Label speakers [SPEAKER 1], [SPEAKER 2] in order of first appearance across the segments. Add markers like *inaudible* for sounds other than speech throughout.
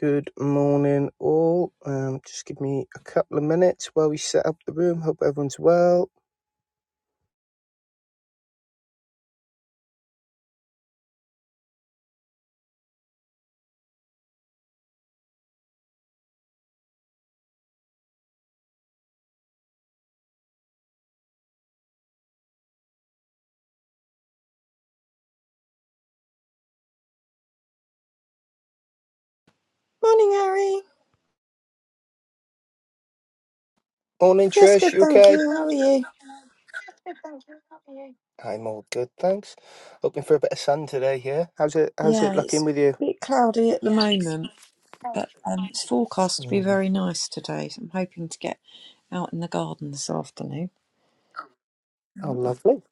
[SPEAKER 1] Good morning, all. Um, just give me a couple of minutes while we set up the room. Hope everyone's well.
[SPEAKER 2] Morning, Harry.
[SPEAKER 1] Morning,
[SPEAKER 2] Yes,
[SPEAKER 1] Trish.
[SPEAKER 2] good,
[SPEAKER 1] You
[SPEAKER 2] thank
[SPEAKER 1] okay?
[SPEAKER 2] you. How are you?
[SPEAKER 1] I'm all good, thanks. Hoping for a bit of sun today here. How's it? How's it
[SPEAKER 2] Yeah,
[SPEAKER 1] looking
[SPEAKER 2] it's
[SPEAKER 1] with you?
[SPEAKER 2] a bit cloudy at the moment, but um, it's forecast to be
[SPEAKER 1] Mm.
[SPEAKER 2] very nice today. So I'm hoping to get out in the garden this afternoon.
[SPEAKER 1] Oh, lovely,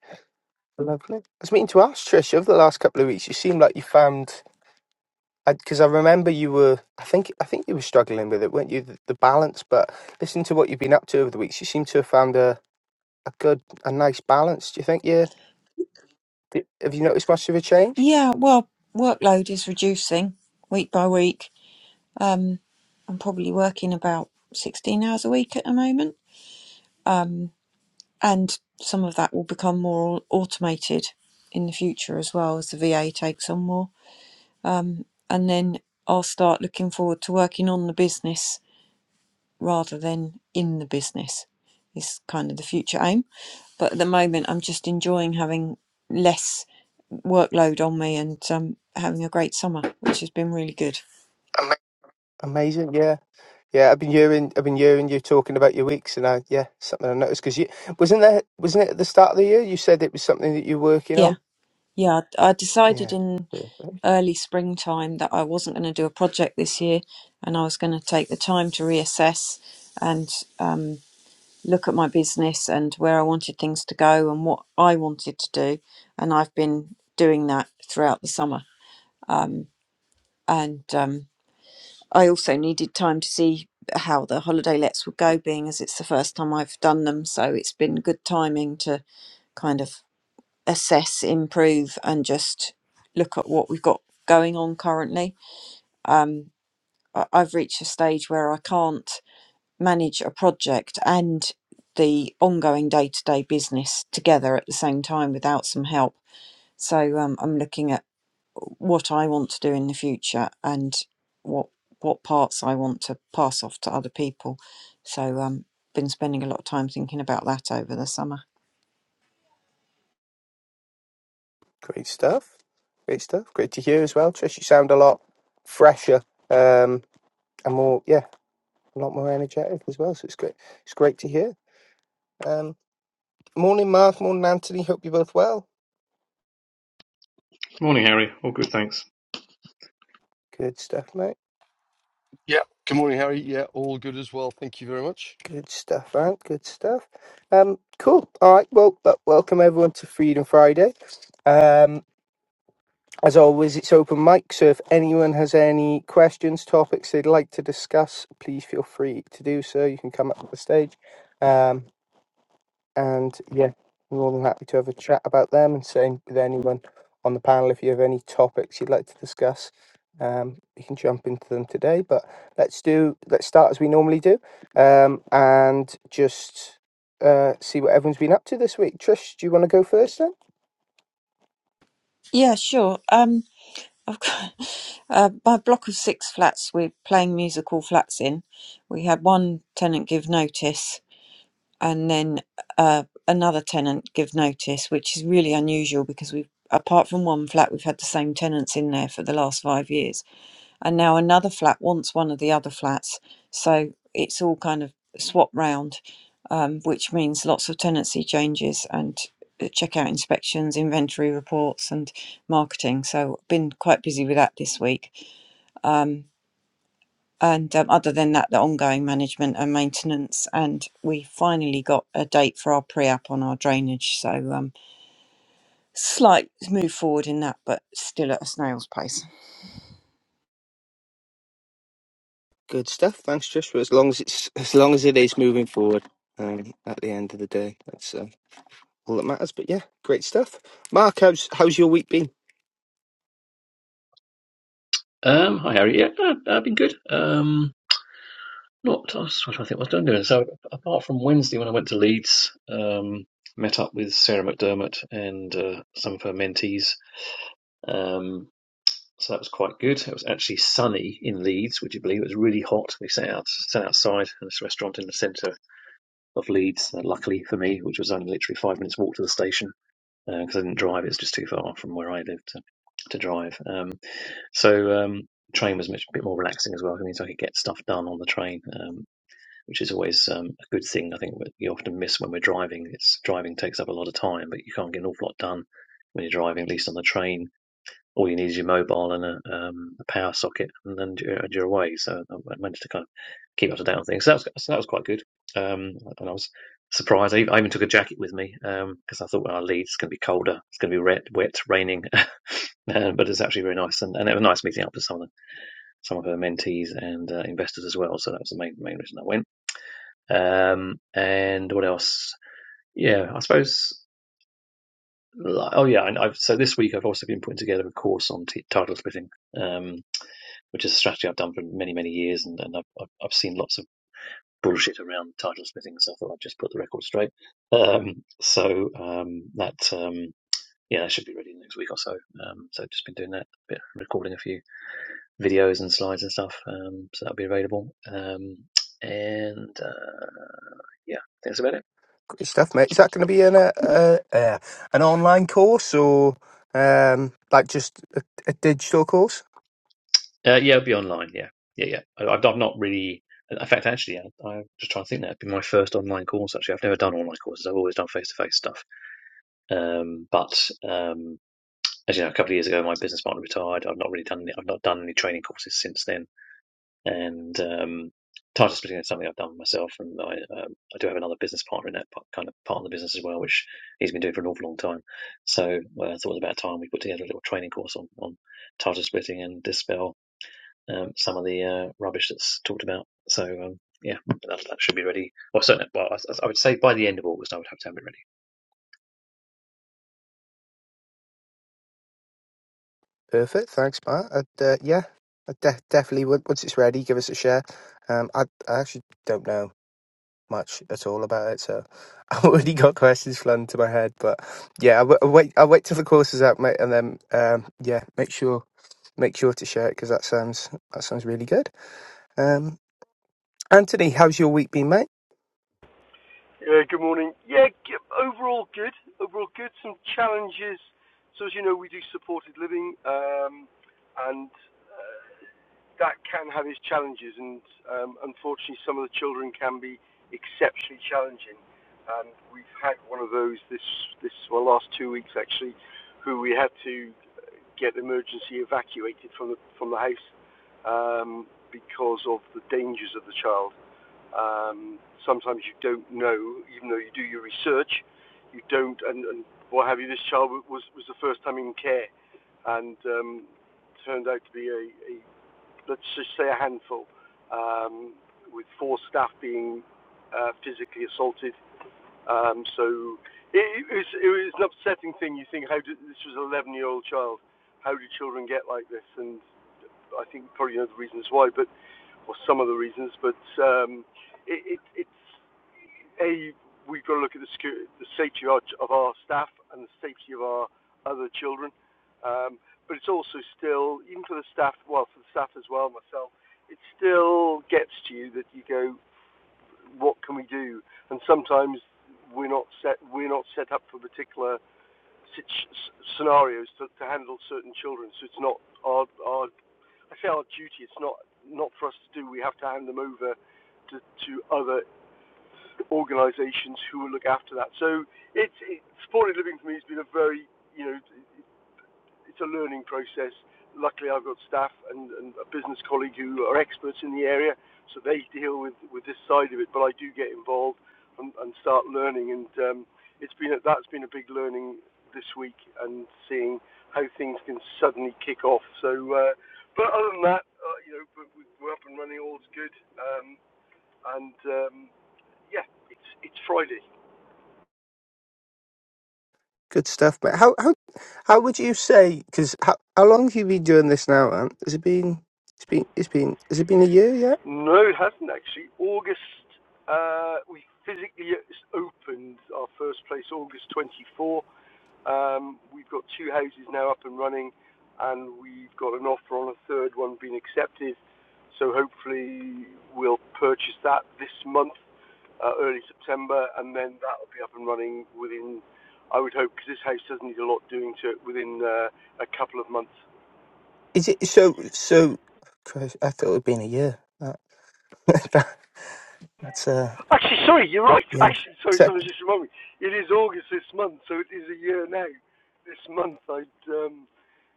[SPEAKER 1] lovely. I was meaning to ask Trish over the last couple of weeks. You seem like you found because I, 'cause I remember you were. I think I think you were struggling with it, weren't you? The, the balance, but listening to what you've been up to over the weeks, you seem to have found a a good, a nice balance. Do you think? Yeah. Have you noticed much of a change?
[SPEAKER 2] Yeah, well, workload is reducing week by week. Um, I'm probably working about 16 hours a week at the moment, um, and some of that will become more automated in the future as well as the VA takes on more. Um, and then I'll start looking forward to working on the business rather than in the business, is kind of the future aim. But at the moment, I'm just enjoying having less workload on me and um, having a great summer, which has been really good.
[SPEAKER 1] Amazing, yeah, yeah. I've been hearing, I've been hearing you talking about your weeks, and I, yeah, something I noticed because you wasn't there, wasn't it at the start of the year? You said it was something that you're working
[SPEAKER 2] Yeah,
[SPEAKER 1] on.
[SPEAKER 2] yeah. I I decided
[SPEAKER 1] Yeah,
[SPEAKER 2] in
[SPEAKER 1] Perfect.
[SPEAKER 2] early springtime that I wasn't going to do a project this year, and I was going to take the time to reassess and um, look at my business and where I wanted things to go and what I wanted to do. And I've been doing that throughout the summer. Um, and um, I also needed time to see how the holiday lets would go, being as it's the first time I've done them. So it's been good timing to kind of assess, improve, and just look at what we've got going on currently. Um, I- I've reached a stage where I can't manage a project and the ongoing day to day business together at the same time without some help. So um, I'm looking at what I want to do in the future and what what parts I want to pass off to other people. So um, been spending a lot of time thinking about that over the summer.
[SPEAKER 1] great stuff, great stuff. Great to hear as well, Trish. You sound a lot fresher, um, and more, yeah, a lot more energetic as well. So it's great, it's great to hear. Um, morning, Mark. Morning, Anthony. Hope you're both well.
[SPEAKER 3] Morning, Harry. All good, thanks.
[SPEAKER 1] Good stuff, mate.
[SPEAKER 4] Yeah. Good morning, Harry. Yeah, all good as well. Thank you very much.
[SPEAKER 1] Good stuff, Ant. Good stuff. Um, cool. All right. Well, but welcome everyone to Freedom Friday. Um, as always, it's open mic. So if anyone has any questions, topics they'd like to discuss, please feel free to do so. You can come up to the stage. Um, and yeah, more than happy to have a chat about them and same with anyone on the panel. If you have any topics you'd like to discuss, um, you can jump into them today. But let's do let's start as we normally do, um, and just uh, see what everyone's been up to this week. Trish, do you want to go first then?
[SPEAKER 2] Yeah, sure. Um, I've got *laughs* uh, my block of six flats. We're playing musical flats in. We had one tenant give notice and then uh, another tenant give notice, which is really unusual because we've, apart from one flat, we've had the same tenants in there for the last five years, and now another flat wants one of the other flats, so it's all kind of swap round, um, which means lots of tenancy changes and uh, checkout inspections, inventory reports, and marketing. So I've been quite busy with that this week. And um, other than that, the ongoing management and maintenance. And we finally got a date for our pre app on our drainage. So um, slight move forward in that, but still at a snail's pace.
[SPEAKER 1] Good stuff. Thanks, Joshua. As long as it's as long as it is moving forward, um, at the end of the day, that's uh, all that matters. But yeah, great stuff. Mark, how's how's your week been?
[SPEAKER 3] Um, hi Harry. Yeah, I- I've been good. Um, not. I was trying to think what I'm doing. So apart from Wednesday when I went to Leeds, um, met up with Sarah McDermott and uh, some of her mentees. Um, so that was quite good. It was actually sunny in Leeds. Would you believe it was really hot? We sat out, sat outside in this restaurant in the centre of Leeds. uh, luckily for me, which was only literally five minutes walk to the station because I didn't drive. It's just too far from where I lived to, to drive. Um, So um, train was much a bit more relaxing as well. It means I could get stuff done on the train, um, which is always um, a good thing. I think what you often miss when we're driving. It's driving takes up a lot of time, but you can't get an awful lot done when you're driving, at least on the train all you need is your mobile and a, um, a power socket, and then you're, and you're away. So I managed to kind of keep up to date on things. So that was, so that was quite good. Um, and I was surprised. I even, I even took a jacket with me because um, I thought when I leave, it's going to be colder, it's going to be wet, wet raining. *laughs* Uh, but it's actually very nice, and, and it was nice meeting up with some of the, some of her mentees and uh, investors as well. So that was the main main reason I went. Um, and what else? Yeah, I suppose. like- Oh yeah, and I've, so this week I've also been putting together a course on t- title splitting. Um, which is a strategy I've done for many, many years, and, and I've, I've seen lots of bullshit around title splitting, so I thought I'd just put the record straight. Um, so um, that um, yeah, that should be ready in the next week or so. Um, so I've just been doing that, bit recording a few videos and slides and stuff, um, so that'll be available. Um, and uh, yeah, that's about it.
[SPEAKER 1] Great stuff, mate. Is that going to be an uh, uh, uh, an online course or um, like just a, a digital course?
[SPEAKER 3] Uh, yeah, it'll be online. Yeah, yeah, yeah. I, I've, I've not really. In fact, actually, I, I'm just trying to think. That'd be my first online course. Actually, I've never done online courses. I've always done face-to-face stuff. Um, but um, as you know, a couple of years ago, my business partner retired. I've not really done any, I've not done any training courses since then, and um, title splitting is something I've done myself, and I um, I do have another business partner in that p- kind of part of the business as well, which he's been doing for an awful long time. So well, I thought it was about time we put together a little training course on on title splitting and dispel um, some of the uh, rubbish that's talked about. So um, yeah, that, that should be ready. Well, certainly, well, I, I would say by the end of August, I would have to have it ready.
[SPEAKER 1] Perfect. Thanks, Mark. I'd, uh, yeah, I de- definitely. would- Once it's ready, give us a share. Um, I I actually don't know much at all about it. So *laughs* I've already got questions flooding to my head, but yeah, I w- I'll, wait. I'll wait till the course is out, mate, and then um, yeah, make sure make sure to share it because that sounds that sounds really good. Um, Anthony, how's your week been, mate?
[SPEAKER 4] Yeah, good morning. Yeah, g- overall good. Overall good. Some challenges. So as you know, we do supported living, um, and uh, that can have its challenges, and um, unfortunately, some of the children can be exceptionally challenging. And we've had one of those this this well last two weeks actually, who we had to get emergency evacuated from the from the house um, because of the dangers of the child. Um, sometimes you don't know, even though you do your research, you don't, and, and what have you. This child was was the first time in care, and um, turned out to be a, a let's just say a handful, um, with four staff being uh, physically assaulted. Um, so it, it, was, it was an upsetting thing. You think, how did this was an 11 year old child? How do children get like this? And I think probably one of the reasons why, but or some of the reasons, but um, it, it, it's a we've got to look at the security, the safety of our, of our staff and the safety of our other children. Um, but it's also still, even for the staff, well, for the staff as well, myself, it still gets to you that you go, what can we do? And sometimes we're not set, we're not set up for particular scenarios to, to handle certain children. So it's not our, our, I say our duty. It's not not for us to do. We have to hand them over to, to other organisations who will look after that. So it's it, supported living for me has been a very you know it's a learning process. Luckily, I've got staff and, and a business colleague who are experts in the area, so they deal with, with this side of it. But I do get involved and, and start learning, and um, it's been a, that's been a big learning this week and seeing how things can suddenly kick off. So, uh, but other than that, uh, you know, we're, we're up and running, all's good, um, and um, yeah, it's it's Friday,
[SPEAKER 1] Good stuff, mate. How how how would you say? Because how, how long have you been doing this now? Ant? Has it been? It's been. It's been. Has it been a year yet?
[SPEAKER 4] No, it hasn't actually. August, uh, we physically opened our first place August 24. Um, we've got two houses now up and running, and we've got an offer on a third one being accepted. So hopefully we'll purchase that this month, uh, early September, and then that will be up and running within, I would hope, because this house does not need a lot doing to it, within uh, a couple of months.
[SPEAKER 1] Is it so? So, Christ, I thought it'd been a year. That, *laughs* that- that's uh,
[SPEAKER 4] Actually, sorry, you're right. *laughs*
[SPEAKER 1] yeah.
[SPEAKER 4] Actually, sorry,
[SPEAKER 1] So,
[SPEAKER 4] someone just reminded me. It is August this month, so it is a year now. This month, I um,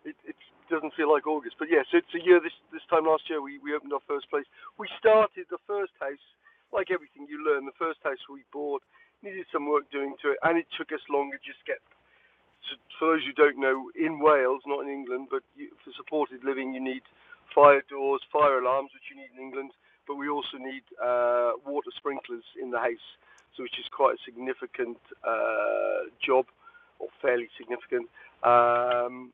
[SPEAKER 4] it, it doesn't feel like August, but yes, yeah, so it's a year. This this time last year, we we opened our first place. We started the first house, like everything you learn. The first house we bought needed some work doing to it, and it took us longer just to get so, for those who don't know, in Wales, not in England, but you, for supported living, you need fire doors, fire alarms, which you need in England, but we also need uh, water sprinklers in the house, so which is quite a significant uh, job, or fairly significant. Um,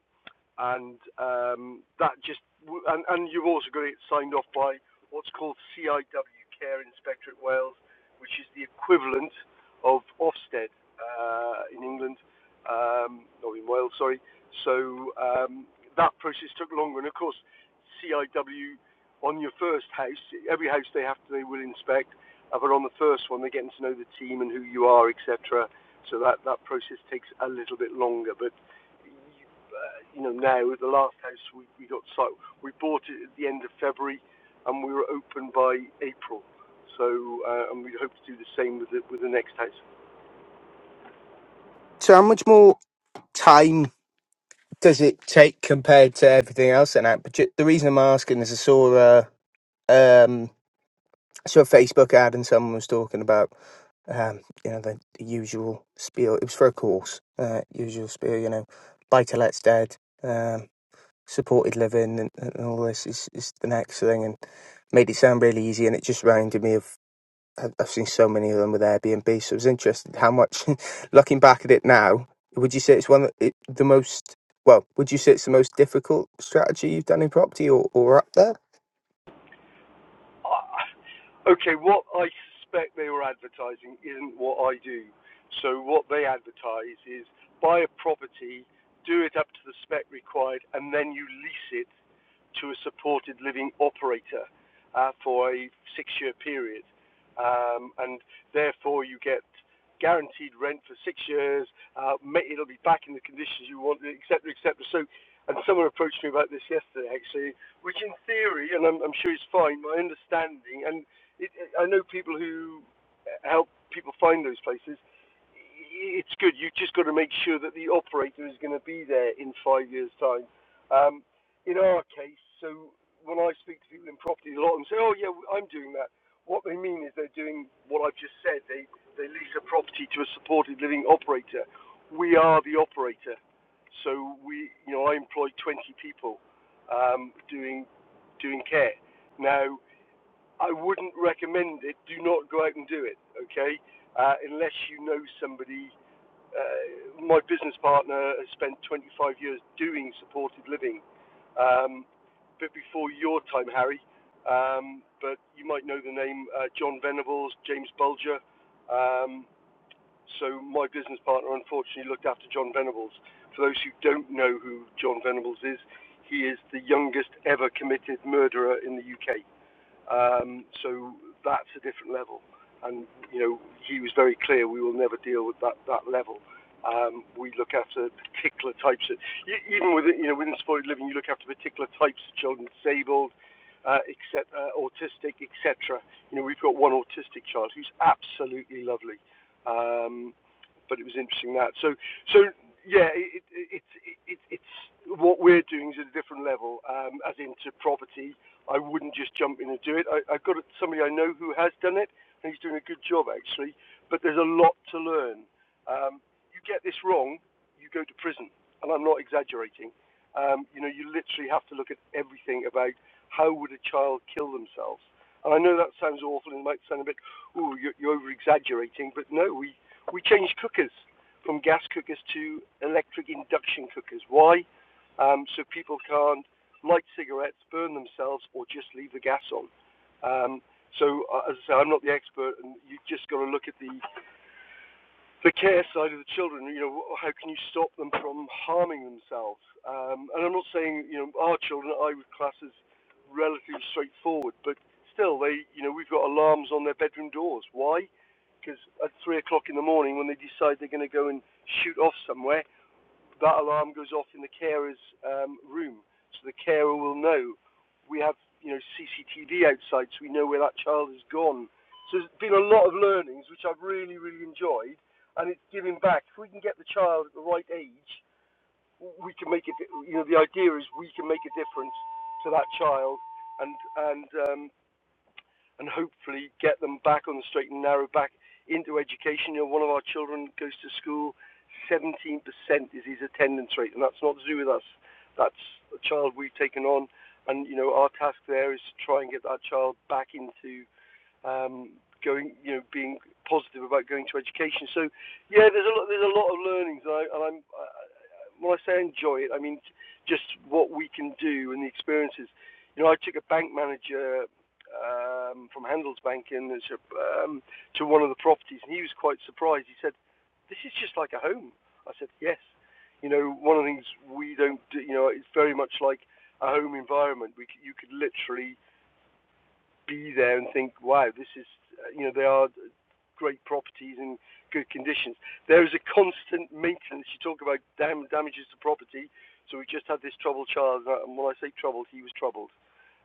[SPEAKER 4] and um, that just and, and you've also got it signed off by what's called CIW Care Inspectorate Wales, which is the equivalent of Ofsted uh, in England, um, or in Wales, sorry. So um, that process took longer, and of course, CIW on your first house, every house they have to they will inspect, uh, but on the first one they're getting to know the team and who you are, etc. So that that process takes a little bit longer, but uh, you know, now at the last house we, we got sold. we bought it at the end of February, and we were open by April. So, uh, and we hope to do the same with the, with the next house.
[SPEAKER 1] so how much more time? does it take compared to everything else? And that, but ju- the reason I'm asking is I saw uh, um I saw a Facebook ad and someone was talking about um you know the, the usual spiel. It was for a course, uh, usual spiel. You know, buy to let's dead, um, supported living, and, and all this is is the next thing, and made it sound really easy. And it just reminded me of I've I've seen so many of them with Airbnb, so I was interested how much. *laughs* looking back at it now, would you say it's one of it, the most? Well, would you say it's the most difficult strategy you've done in property, or, or up there?
[SPEAKER 4] Uh, okay, what I suspect they were advertising isn't what I do. So, what they advertise is buy a property, do it up to the spec required, and then you lease it to a supported living operator uh, for a six year period. Um, and therefore, you get guaranteed rent for six years. Uh, it'll be back in the conditions you want, et cetera, et cetera. So, and someone approached me about this yesterday, actually, which in theory, and I'm, I'm sure it's fine, my understanding, and it, I know people who help people find those places, it's good. You've just got to make sure that the operator is going to be there in five years' time. Um, in our case, so when I speak to people in property a lot and say, "Oh yeah, I'm doing that," what they mean is they're doing what I've just said. They they lease a property to a supported living operator. We are the operator, so we you know I employ 20 people um, doing doing care. Now I wouldn't recommend it. Do not go out and do it, okay? Uh, unless you know somebody uh, my business partner has spent 25 years doing supported living, um, a bit before your time, Harry. Um, but you might know the name uh, John Venables, James Bulger. Um, so my business partner unfortunately looked after John Venables. For those who don't know who John Venables is, he is the youngest ever committed murderer in the UK. Um, so that's a different level. And you know, he was very clear: we will never deal with that that level. Um, we look after particular types of, e- even with you know within supported living, you look after particular types of children, disabled, uh, except uh, autistic, etc. You know, we've got one autistic child who's absolutely lovely, um, but it was interesting that. So, so yeah, it, it, it, it, it's what we're doing is at a different level, um, as into property. I wouldn't just jump in and do it. I, I've got somebody I know who has done it, and he's doing a good job actually. But there's a lot to learn. Um, you get this wrong, you go to prison, and I'm not exaggerating. Um, you know, you literally have to look at everything about how would a child kill themselves. And I know that sounds awful and it might sound a bit, ooh, you're, you're over exaggerating, but no, we, we changed cookers from gas cookers to electric induction cookers. Why? Um, so people can't light cigarettes, burn themselves, or just leave the gas on. Um, so, uh, as I say, I'm not the expert, and you have just got to look at the, the care side of the children. You know, how can you stop them from harming themselves? Um, and I'm not saying you know our children I would class as relatively straightforward, but still, they you know we've got alarms on their bedroom doors. Why? Because at three o'clock in the morning, when they decide they're going to go and shoot off somewhere, that alarm goes off in the carer's um, room, so the carer will know. We have you know CCTV outside, so we know where that child has gone. So there's been a lot of learnings, which I've really really enjoyed, and it's giving back. If we can get the child at the right age, we can make it. You know, the idea is we can make a difference to that child, and and um, and hopefully get them back on the straight and narrow, back into education. You know, one of our children goes to school, 17% is his attendance rate, and that's not to do with us. That's a child we've taken on, and you know, our task there is to try and get that child back into um, going, you know, being positive about going to education. So, yeah, there's a lot, there's a lot of learnings, and, I, and I'm I, when I say enjoy it, I mean just what we can do and the experiences. You know, I took a bank manager um, from Handelsbanken um, to one of the properties, and he was quite surprised. He said, "This is just like a home." I said, "Yes." You know, one of the things we don't, do, you know, it's very much like a home environment. We, you could literally be there and think, wow, this is, uh, you know, they are great properties in good conditions. There is a constant maintenance. You talk about dam- damages to property. So we just had this troubled child, uh, and when I say troubled, he was troubled,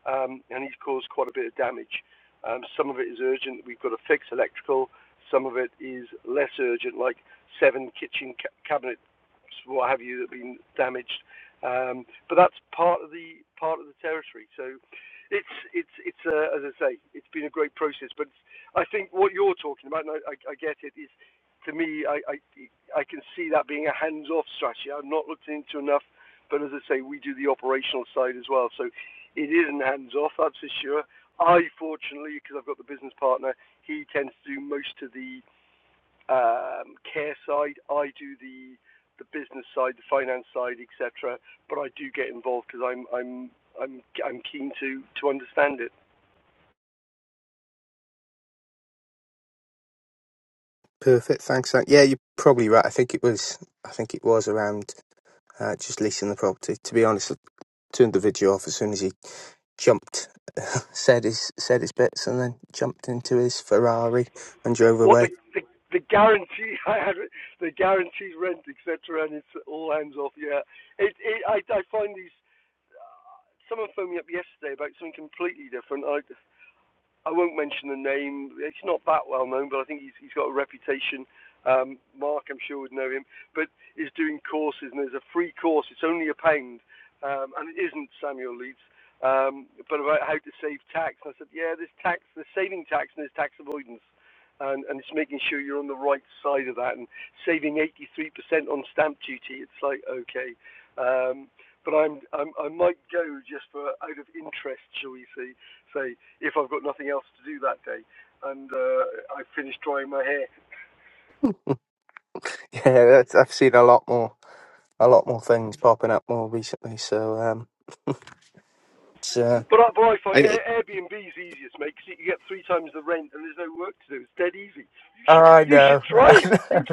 [SPEAKER 4] um, and he's caused quite a bit of damage. Um, some of it is urgent. We've got to fix electrical. Some of it is less urgent, like seven kitchen ca- cabinets, what have you, that have been damaged. Um, but that's part of the part of the territory. So it's it's it's uh, as I say, it's been a great process. But I think what you're talking about, and I, I, I get it, is to me, I, I I can see that being a hands-off strategy. I've not looked into enough, but as I say, we do the operational side as well, so it isn't hands-off. That's for sure. I fortunately, because I've got the business partner, he tends to do most of the um, care side. I do the the business side, the finance side, etc. But I do get involved because I'm I'm I'm I'm keen to to understand it.
[SPEAKER 1] Perfect. Thanks. Sam. Yeah, you're probably right. I think it was. I think it was around. uh, just leasing the property. To be honest, I turned the video off as soon as he jumped, *laughs* said his said his bits, and then jumped into his Ferrari and drove
[SPEAKER 4] What
[SPEAKER 1] away.
[SPEAKER 4] the
[SPEAKER 1] *laughs*
[SPEAKER 4] the, the guarantee *laughs* I had, the guaranteed rent, etc. And it's all hands off. Yeah, it, it I I find these. uh, Someone phoned me up yesterday about something completely different. I I won't mention the name. It's not that well known, but I think he's, he's got a reputation. Um, Mark, I'm sure, would know him, but is doing courses, and there's a free course. It's only a pound, um, and it isn't Samuel Leeds, um, but about how to save tax. And I said, yeah, there's tax, there's saving tax, and there's tax avoidance, and, and it's making sure you're on the right side of that, and saving 83% on stamp duty. It's like okay, um, but I'm, I'm I might go just for out of interest, shall we say, say if I've got nothing else to do that day, and uh, I finish drying my hair.
[SPEAKER 1] Yeah, that's, I've seen a lot more, a lot more things popping up more recently. So um, it's uh,
[SPEAKER 4] But I, but I find
[SPEAKER 1] I,
[SPEAKER 4] Airbnb is easiest, to make 'cause you get three times the rent and there's no work to do. It's dead easy. You should,
[SPEAKER 1] I
[SPEAKER 4] you should
[SPEAKER 1] know,
[SPEAKER 4] try it.
[SPEAKER 1] *laughs*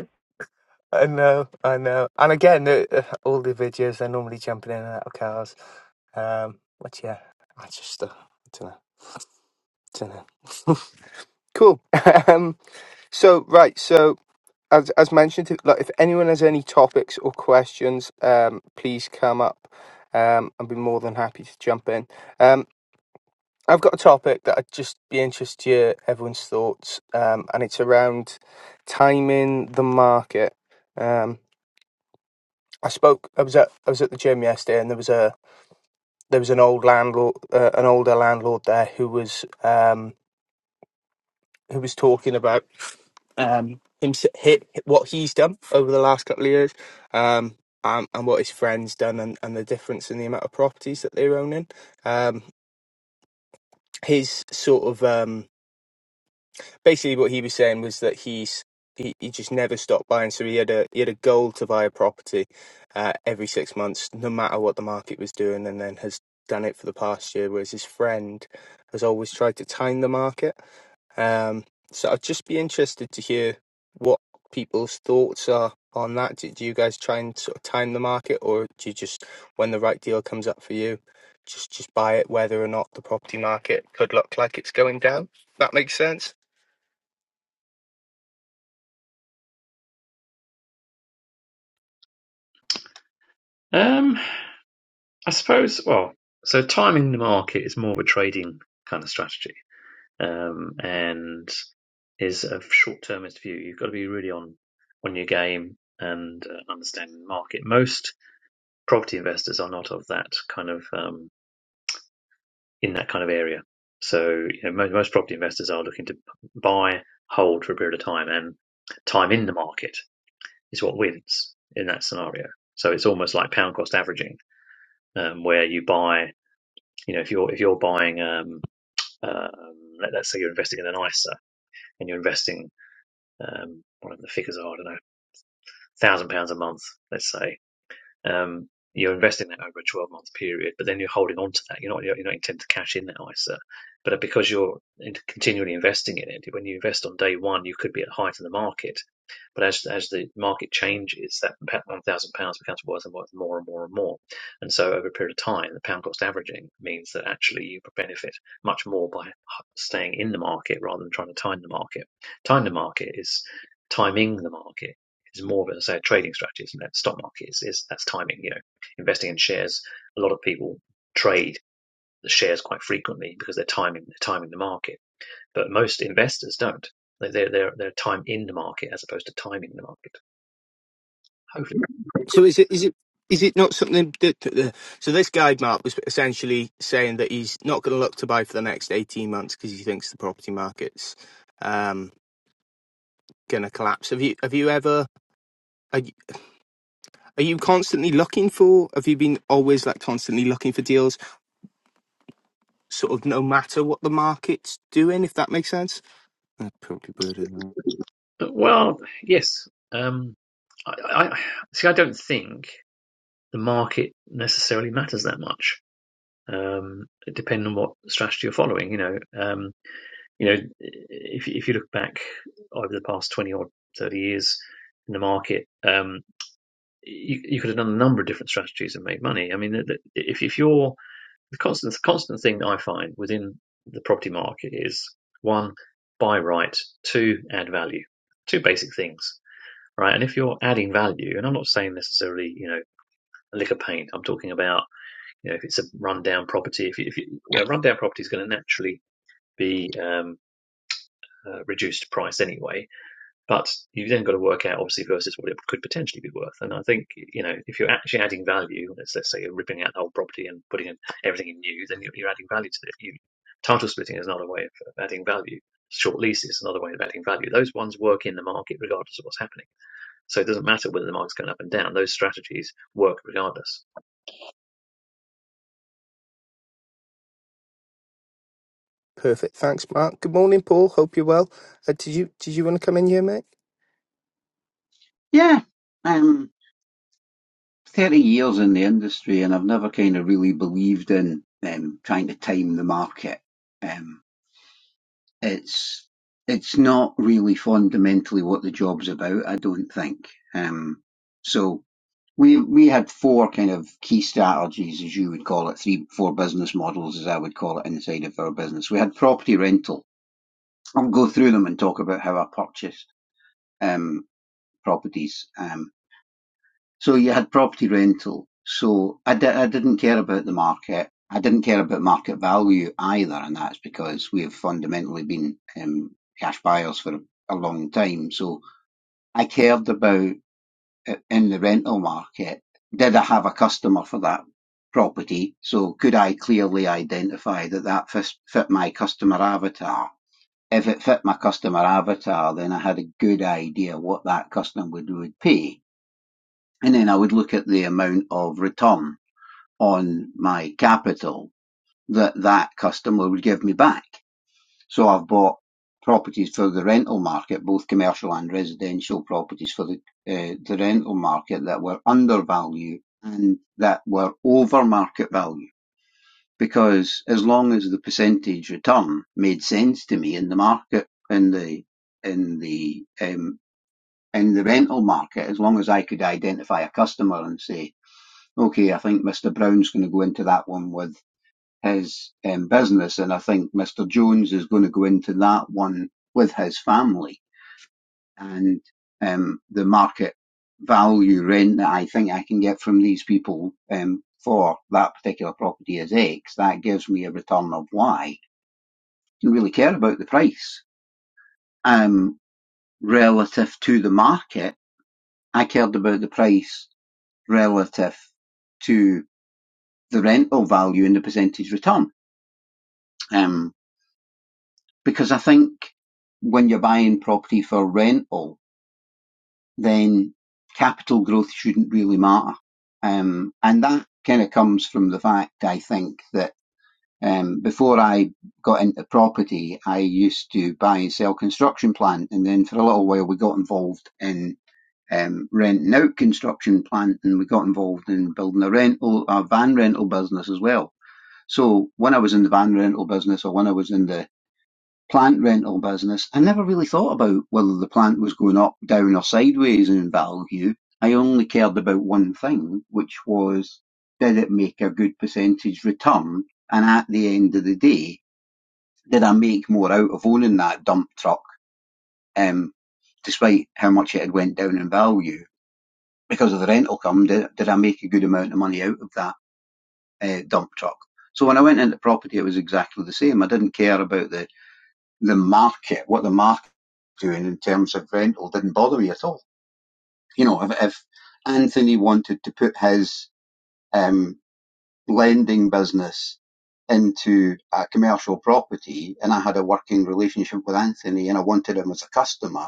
[SPEAKER 1] I know, I know, and again, uh, all the videos they're normally jumping in and out of cars. Um, but yeah, I just uh, I don't know, don't know. *laughs* cool. *laughs* um, so right, so as as mentioned, if- like if anyone has any topics or questions, um, please come up. Um, I'd be more than happy to jump in. Um, I've got a topic that I'd just be interested to hear everyone's thoughts, um, and it's around timing the market. Um, I spoke. I was at I was at the gym yesterday, and there was a there was an old landlord, uh, an older landlord there who was um, who was talking about um, him hit what he's done over the last couple of years, um, and, and what his friends done, and, and the difference in the amount of properties that they're owning. Um, his sort of um, basically what he was saying was that he's he, he just never stopped buying, so he had a he had a goal to buy a property uh, every six months, no matter what the market was doing, and then has done it for the past year. Whereas his friend has always tried to time the market um, so I'd just be interested to hear what people's thoughts are on that. Do, do you guys try and sort of time the market, or do you just, when the right deal comes up for you, just just buy it, whether or not the property market could look like it's going down? That makes sense.
[SPEAKER 3] Um, I suppose, well, so timing the market is more of a trading kind of strategy, um, and is a short-termist view. You've got to be really on on your game and uh, understand the market. Most property investors are not of that kind of um, in that kind of area. So you know, most, most property investors are looking to buy, hold for a period of time, and time in the market is what wins in that scenario. So it's almost like pound cost averaging, um, where you buy you know, if you're if you're buying um, Um, let, us say you're investing in an ISA and you're investing um, whatever the figures are, I don't know, one thousand pounds a month, let's say, um, you're investing that over a 12 month period, but then you're holding on to that. You're not you're not intent to cash in that ISA, but uh, because you're continually investing in it, when you invest on day one, you could be at the height of the market. But as as the market changes, that one thousand pounds becomes worth and worth more and more and more. And so over a period of time, the pound cost averaging means that actually you benefit much more by staying in the market rather than trying to time the market. Time the market is timing the market is more of a, say, a trading strategy, isn't it? Stock market is, is that's timing, you know, investing in shares. A lot of people trade the shares quite frequently because they're timing, they're timing the market, but most investors don't. They- are they're, they're time in the market as opposed to timing the market. Hopefully.
[SPEAKER 1] So is it is it is it not something that that the so this guide Mark was essentially saying that he's not going to look to buy for the next eighteen months because he thinks the property market's um, going to collapse. Have you have you ever are you, are you constantly looking for? Have you been always like constantly looking for deals, sort of no matter what the market's doing, if that makes sense? That's probably better than that.
[SPEAKER 3] Well, yes. Um, I, I I- see. I don't think the market necessarily matters that much. Um, it depends on what strategy you're following. You know, um, You know, if if you look back over the past twenty or thirty years in the market, um, you, you could have done a number of different strategies and made money. I mean, if if you're the constant the constant thing that I find within the property market is one, buy right, two, add value, two basic things, right? And if you're adding value, and I'm not saying necessarily, you know, a lick of paint. I'm talking about, you know, if it's a rundown property, if you, if you, you rundown property is going to naturally be um, uh, reduced price anyway But you've then got to work out, obviously, versus what it could potentially be worth. And I think, you know, if you're actually adding value, let's, let's say you're ripping out the whole property and putting in everything in new, then you're, you're adding value to it. You, title splitting is another way of, of adding value. Short leases is another way of adding value. Those ones work in the market regardless of what's happening. So it doesn't matter whether the market's going up and down. Those strategies work regardless.
[SPEAKER 1] Perfect. Thanks, Mark. Good morning, Paul. Hope you're well. Uh, did you did you want to come in here, mate?
[SPEAKER 5] Yeah, I'm 30 years in the industry, and I've never kind of really believed in um, trying to time the market. Um, it's it's not really fundamentally what the job's about, I don't think. Um, so we we had four kind of key strategies, as you would call it, three four business models, as I would call it, inside of our business. We had property rental. I'll go through them and talk about how I purchased um, properties. Um, So you had property rental. So I, di- I didn't care about the market. I didn't care about market value either, and that's because we have fundamentally been um, cash buyers for a long time. So I cared about uh, in the rental market. Did I have a customer for that property? So could I clearly identify that that fis- fit my customer avatar? If it fit my customer avatar, then I had a good idea what that customer would, would pay and then I would look at the amount of return on my capital that that customer would give me back. So I've bought properties for the rental market, both commercial and residential properties for the uh, the rental market that were undervalued and that were over market value. Because as long as the percentage return made sense to me in the market, in the in the um, in the rental market, as long as I could identify a customer and say Okay, I think Mr. Brown's going to go into that one with his um, business, and I think Mr. Jones is going to go into that one with his family and um, the market value rent that I think I can get from these people um, for that particular property is X. That gives me a return of Y. I Didn't really care about the price um, relative to the market. I cared about the price relative to the rental value and the percentage return. Um, because I think when you're buying property for rental, then capital growth shouldn't really matter. Um, and that kind of comes from the fact, I think, that um, before I got into property, I used to buy and sell construction plant. And then for a little while, we got involved in um, renting out construction plant and we got involved in building a rental, a van rental business as well. So when I was in the van rental business or when I was in the plant rental business, I never really thought about whether the plant was going up, down, or sideways in value. I only cared about one thing, which was did it make a good percentage return? And at the end of the day, did I make more out of owning that dump truck, um, despite how much it had went down in value? Because of the rental come, did, did I make a good amount of money out of that uh, dump truck? So when I went into property, it was exactly the same. I didn't care about the the market, what the market doing in terms of rental didn't bother me at all. You know, if, if Anthony wanted to put his um, lending business into a commercial property and I had a working relationship with Anthony and I wanted him as a customer,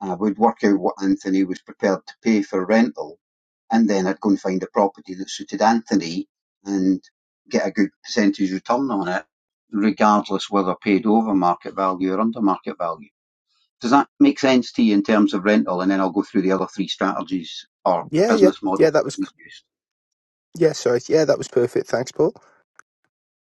[SPEAKER 5] I would work out what Anthony was prepared to pay for rental and then I'd go and find a property that suited Anthony and get a good percentage return on it, regardless whether paid over market value or under market value. Does that make sense to you in terms of rental? And then I'll go through the other three strategies or
[SPEAKER 1] Yeah, yeah,
[SPEAKER 5] business
[SPEAKER 1] yeah.
[SPEAKER 5] models
[SPEAKER 1] That
[SPEAKER 5] that
[SPEAKER 1] was
[SPEAKER 5] we used.
[SPEAKER 1] yeah. Sorry, yeah, that was perfect. Thanks, Paul.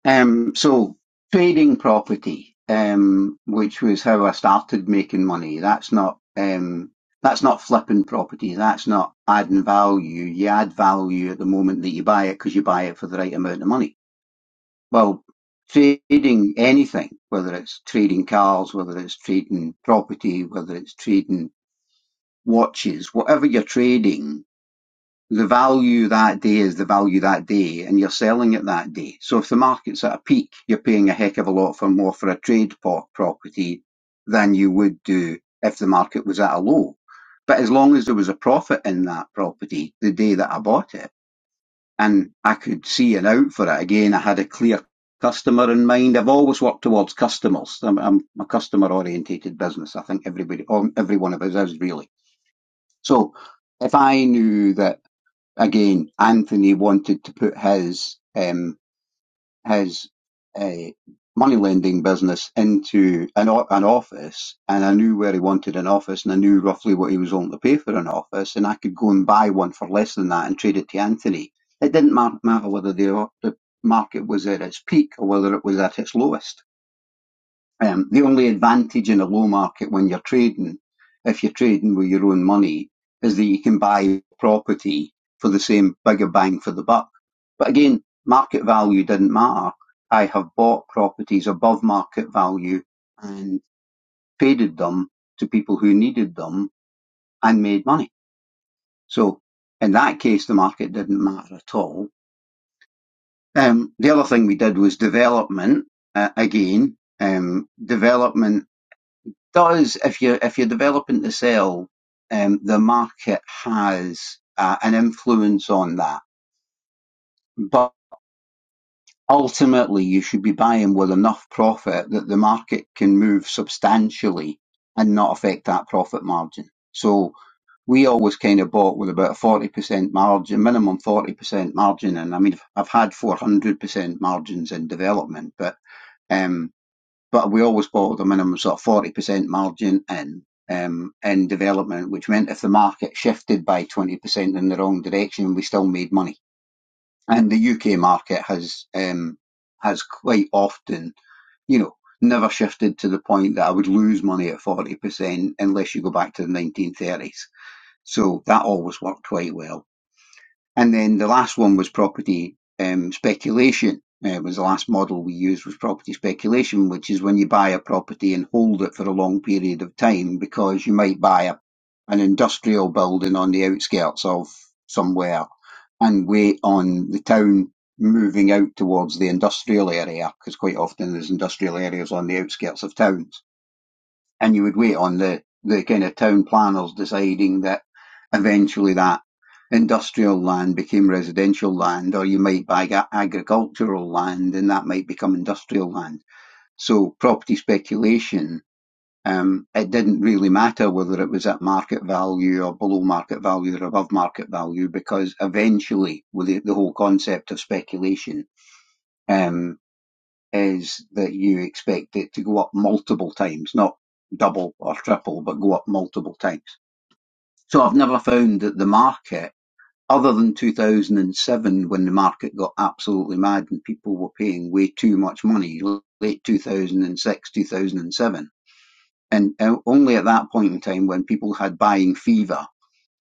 [SPEAKER 5] Um, so trading property, um, which was how I started making money. That's not um, that's not flipping property. That's not adding value. You add value at the moment that you buy it because you buy it for the right amount of money. Well, trading anything, whether it's trading cars, whether it's trading property, whether it's trading watches, whatever you're trading The value that day is the value that day, and you're selling it that day. So if the market's at a peak, you're paying a heck of a lot for more for a trade pot property than you would do if the market was at a low. But as long as there was a profit in that property the day that I bought it, and I could see an out for it. Again, I had a clear customer in mind. I've always worked towards customers. I'm, I'm a customer orientated business. I think everybody, um, every one of us is really. So if I knew that again, Anthony wanted to put his um, his uh, money lending business into an o- an office, and I knew where he wanted an office, and I knew roughly what he was willing to pay for an office, and I could go and buy one for less than that and trade it to Anthony. It didn't ma- matter whether the the market was at its peak or whether it was at its lowest. Um, the only advantage in a low market when you're trading, if you're trading with your own money, is that you can buy property for the same bigger bang for the buck. But again, market value didn't matter. I have bought properties above market value and traded them to people who needed them and made money. So in that case, the market didn't matter at all. Um, the other thing we did was development. Uh, again, um, development does if you're if you're developing to sell, um, the market has uh, an influence on that. But ultimately, you should be buying with enough profit that the market can move substantially and not affect that profit margin. So we always kind of bought with about a forty percent margin, minimum forty percent margin, and I mean I've had four hundred percent margins in development, but. um but we always bought them in a minimum sort of forty percent margin in um, in development, which meant if the market shifted by twenty percent in the wrong direction, we still made money. And the UK market has um, has quite often, you know, never shifted to the point that I would lose money at forty percent unless you go back to the nineteen thirties. So that always worked quite well. And then the last one was property um, speculation. Uh, was the last model we used was property speculation, which is when you buy a property and hold it for a long period of time because you might buy a, an industrial building on the outskirts of somewhere and wait on the town moving out towards the industrial area because quite often there's industrial areas on the outskirts of towns and you would wait on the the kind of town planners deciding that eventually that industrial land became residential land, or you might buy agricultural land and that might become industrial land. So property speculation, um, it didn't really matter whether it was at market value or below market value or above market value because eventually with the, the whole concept of speculation, um, is that you expect it to go up multiple times, not double or triple, but go up multiple times. So I've never found that the market, other than 2007 when the market got absolutely mad and people were paying way too much money, late 2006, 2007. And uh, only at that point in time when people had buying fever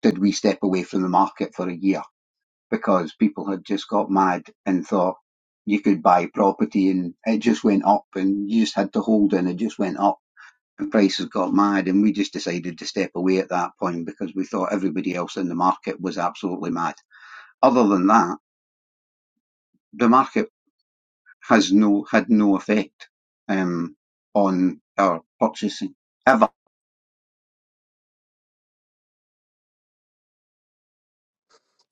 [SPEAKER 5] did we step away from the market for a year because people had just got mad and thought you could buy property and it just went up and you just had to hold and it just went up and prices got mad and we just decided to step away at that point because we thought everybody else in the market was absolutely mad. Other than that, the market has no had no effect um, on our purchasing ever.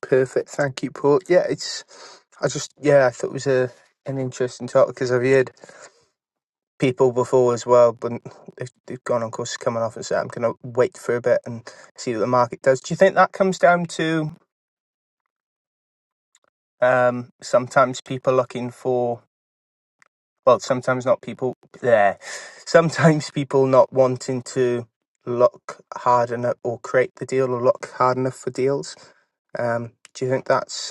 [SPEAKER 1] Perfect. Thank you, Paul. Yeah, it's. I just yeah, I thought it was a an interesting talk because I've heard people before as well, but they've, they've gone on course coming off and said I'm going to wait for a bit and see what the market does. Do you think that comes down to um, sometimes people looking for well, sometimes not people there, sometimes people not wanting to look hard enough or create the deal or look hard enough for deals. Um, do you think that's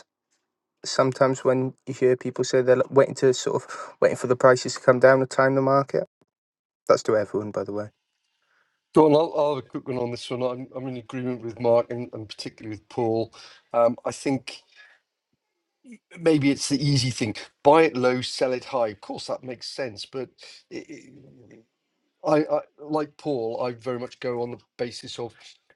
[SPEAKER 1] sometimes when you hear people say they're like, waiting to sort of waiting for the prices to come down to time the market. That's to everyone, by the way.
[SPEAKER 4] Go on, I'll, I'll have a quick one on this one. I'm, I'm in agreement with Mark and, and particularly with Paul. Um, I think maybe it's the easy thing buy it low, sell it high. Of course, that makes sense, but it, it, I, I, like Paul, I very much go on the basis of.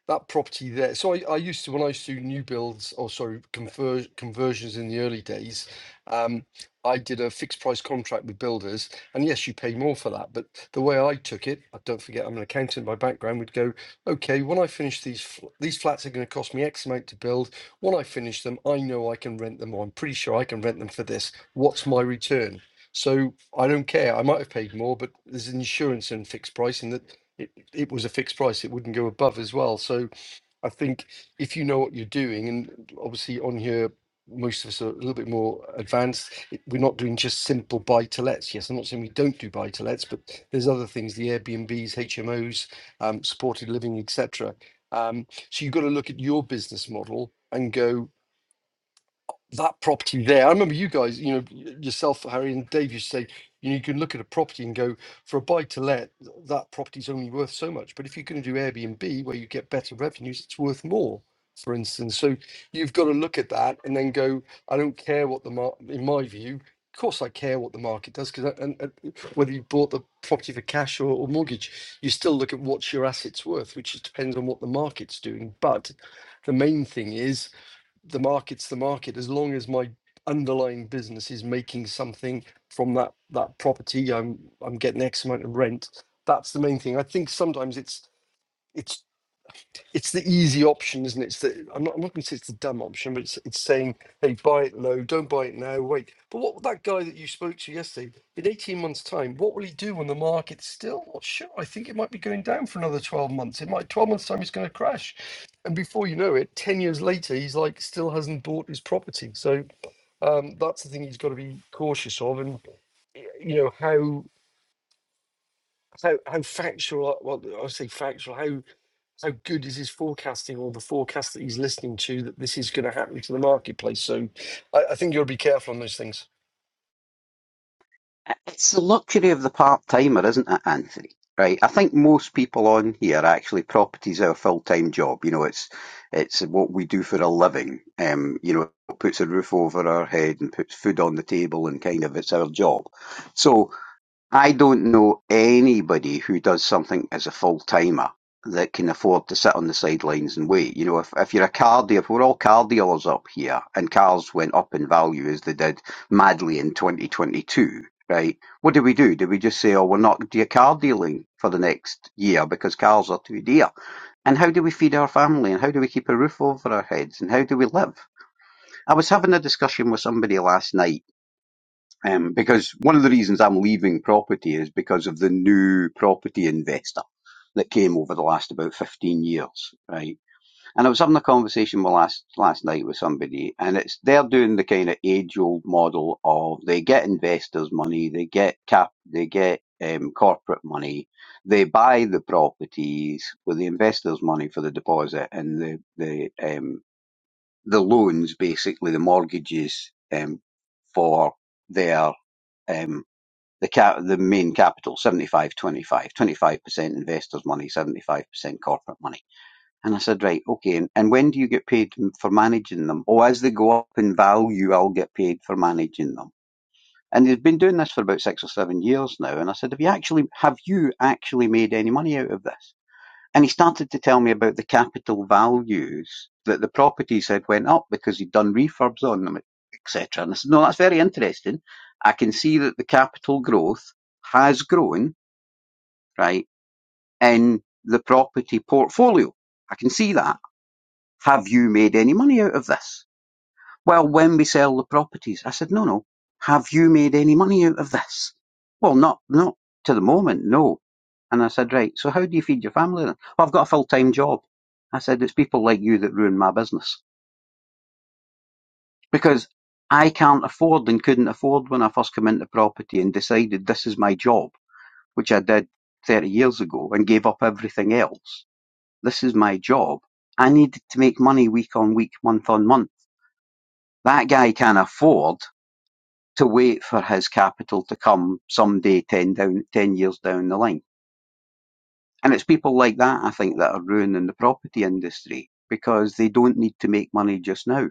[SPEAKER 4] that property there. So I, I used to when I used to do new builds or sorry conver- conversions in the early days, um, I did a fixed price contract with builders, and yes, you pay more for that. But the way I took it, I don't forget I'm an accountant by background. Would go okay when I finish these fl- these flats are going to cost me X amount to build. When I finish them, I know I can rent them, or I'm pretty sure I can rent them for this. What's my return? So I don't care. I might have paid more, but there's insurance and fixed pricing that it, it was a fixed price it wouldn't go above as well so i think if you know what you're doing and obviously on here most of us are a little bit more advanced it- we're not doing just simple buy to lets yes i'm not saying we don't do buy to lets but there's other things the airbnbs hmos um, supported living etc um, so you've got to look at your business model and go that property there. I remember you guys, you know, y- yourself, Harry and Dave, you say, you know, you can look at a property and go, for a buy to let, that property's only worth so much. But if you're going to do Airbnb where you get better revenues, it's worth more, for instance. So you've got to look at that and then go, I don't care what the market, in my view, of course I care what the market does because and, and uh, whether you bought the property for cash or, or mortgage, you still look at what's your assets worth, which is, depends on what the market's doing. But the main thing is the market's the market as long as my underlying business is making something from that that property i'm i'm getting x amount of rent that's the main thing i think sometimes it's it's it's the easy option, isn't it? It's the I'm not I'm not going to say it's the dumb option, but it's it's saying, hey, buy it low, don't buy it now, wait. But what that guy that you spoke to yesterday, in 18 months' time, what will he do when the market's still not sure? I think it might be going down for another 12 months. It might 12 months' time it's going to crash. And before you know it, 10 years later, he's like still hasn't bought his property. So um, that's the thing he's got to be cautious of, and y- you know how how how factual. Well, I say factual. How how good is his forecasting or the forecast that he's listening to that this is going to happen to the marketplace. So I, I think you'll be careful on those things.
[SPEAKER 5] It's the luxury of the part timer, isn't it, Anthony? Right. I think most people on here actually property's our full time job. You know, it's it's what we do for a living. Um, you know, it puts a roof over our head and puts food on the table and kind of it's our job. So I don't know anybody who does something as a full timer that can afford to sit on the sidelines and wait. You know, if, if you're a car dealer, we're all car dealers up here, and cars went up in value as they did madly in 2022, right? What do we do? Do we just say, oh, we're not do car dealing for the next year because cars are too dear? And how do we feed our family? And how do we keep a roof over our heads? And how do we live? I was having a discussion with somebody last night um, because one of the reasons I'm leaving property is because of the new property investor that came over the last about 15 years, right? And I was having a conversation with last, last night with somebody and it's, they're doing the kind of age old model of they get investors money, they get cap, they get um, corporate money, they buy the properties with the investors money for the deposit and the, the, um, the loans, basically the mortgages, um, for their, um, the cap, the main capital, seventy-five, twenty-five, twenty-five percent investors' money, 75% corporate money. And I said, right, okay, and, and when do you get paid for managing them? Oh, as they go up in value, I'll get paid for managing them. And they've been doing this for about six or seven years now. And I said, have you actually, have you actually made any money out of this? and he started to tell me about the capital values that the properties had went up because he'd done refurbs on them, etc. And I said, no, that's very interesting. I can see that the capital growth has grown, right, in the property portfolio. I can see that. Have you made any money out of this? Well, when we sell the properties, I said, no, no. Have you made any money out of this? Well, not, not to the moment, no. And I said, right, so how do you feed your family then? Well, I've got a full-time job. I said, it's people like you that ruin my business because I can't afford and couldn't afford when I first came into property and decided this is my job, which I did 30 years ago and gave up everything else. This is my job. I needed to make money week on week, month on month. That guy can afford to wait for his capital to come someday 10 down 10 years down the line and it's people like that i think that are ruining the property industry because they don't need to make money just now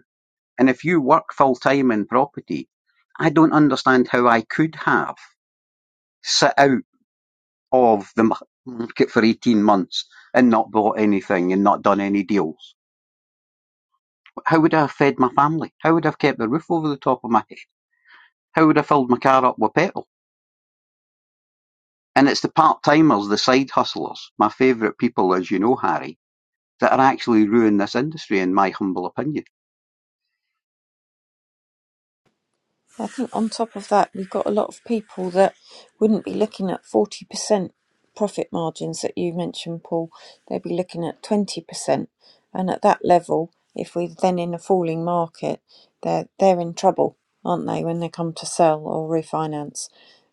[SPEAKER 5] and if you work full time in property i don't understand how i could have sit out of the market for 18 months and not bought anything and not done any deals how would i have fed my family how would i have kept the roof over the top of my head how would i have filled my car up with petrol And it's the part-timers, the side hustlers, my favourite people, as you know, Harry, that are actually ruining this industry, in my humble opinion.
[SPEAKER 2] I think on top of that, we've got a lot of people that wouldn't be looking at 40% profit margins that you mentioned, Paul. They'd be looking at 20%. And at that level, if we're then in a falling market, they're, they're in trouble, aren't they, when they come to sell or refinance?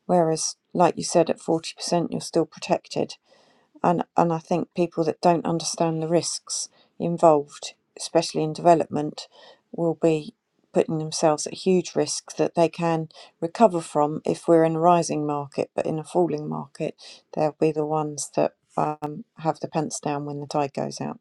[SPEAKER 2] Whereas, like you said, at 40%, you're still protected and and I think people that don't understand the risks involved, especially in development, will be putting themselves at huge risk that they can recover from if we're in a rising market, but in a falling market, they'll be the ones that um, have the pants down when the tide goes out.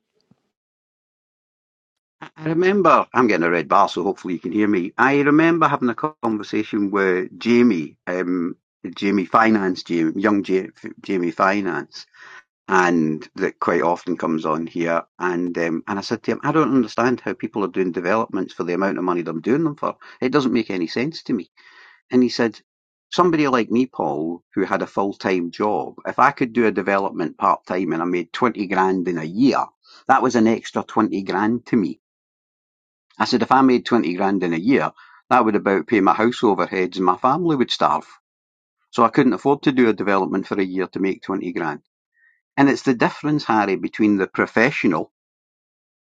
[SPEAKER 5] I remember, I'm getting a red bar, so hopefully you can hear me. I remember having a conversation with Jamie, um, Jamie Finance, Jamie, young Ja- Jamie Finance, and that quite often comes on here. And um, and I said to him, I don't understand how people are doing developments for the amount of money they're doing them for. It doesn't make any sense to me. And he said, somebody like me, Paul, who had a full time job, if I could do a development part time and I made 20 grand in a year, that was an extra 20 grand to me. I said, if I made 20 grand in a year, that would about pay my house overheads and my family would starve. So I couldn't afford to do a development for a year to make 20 grand. And it's the difference, Harry, between the professional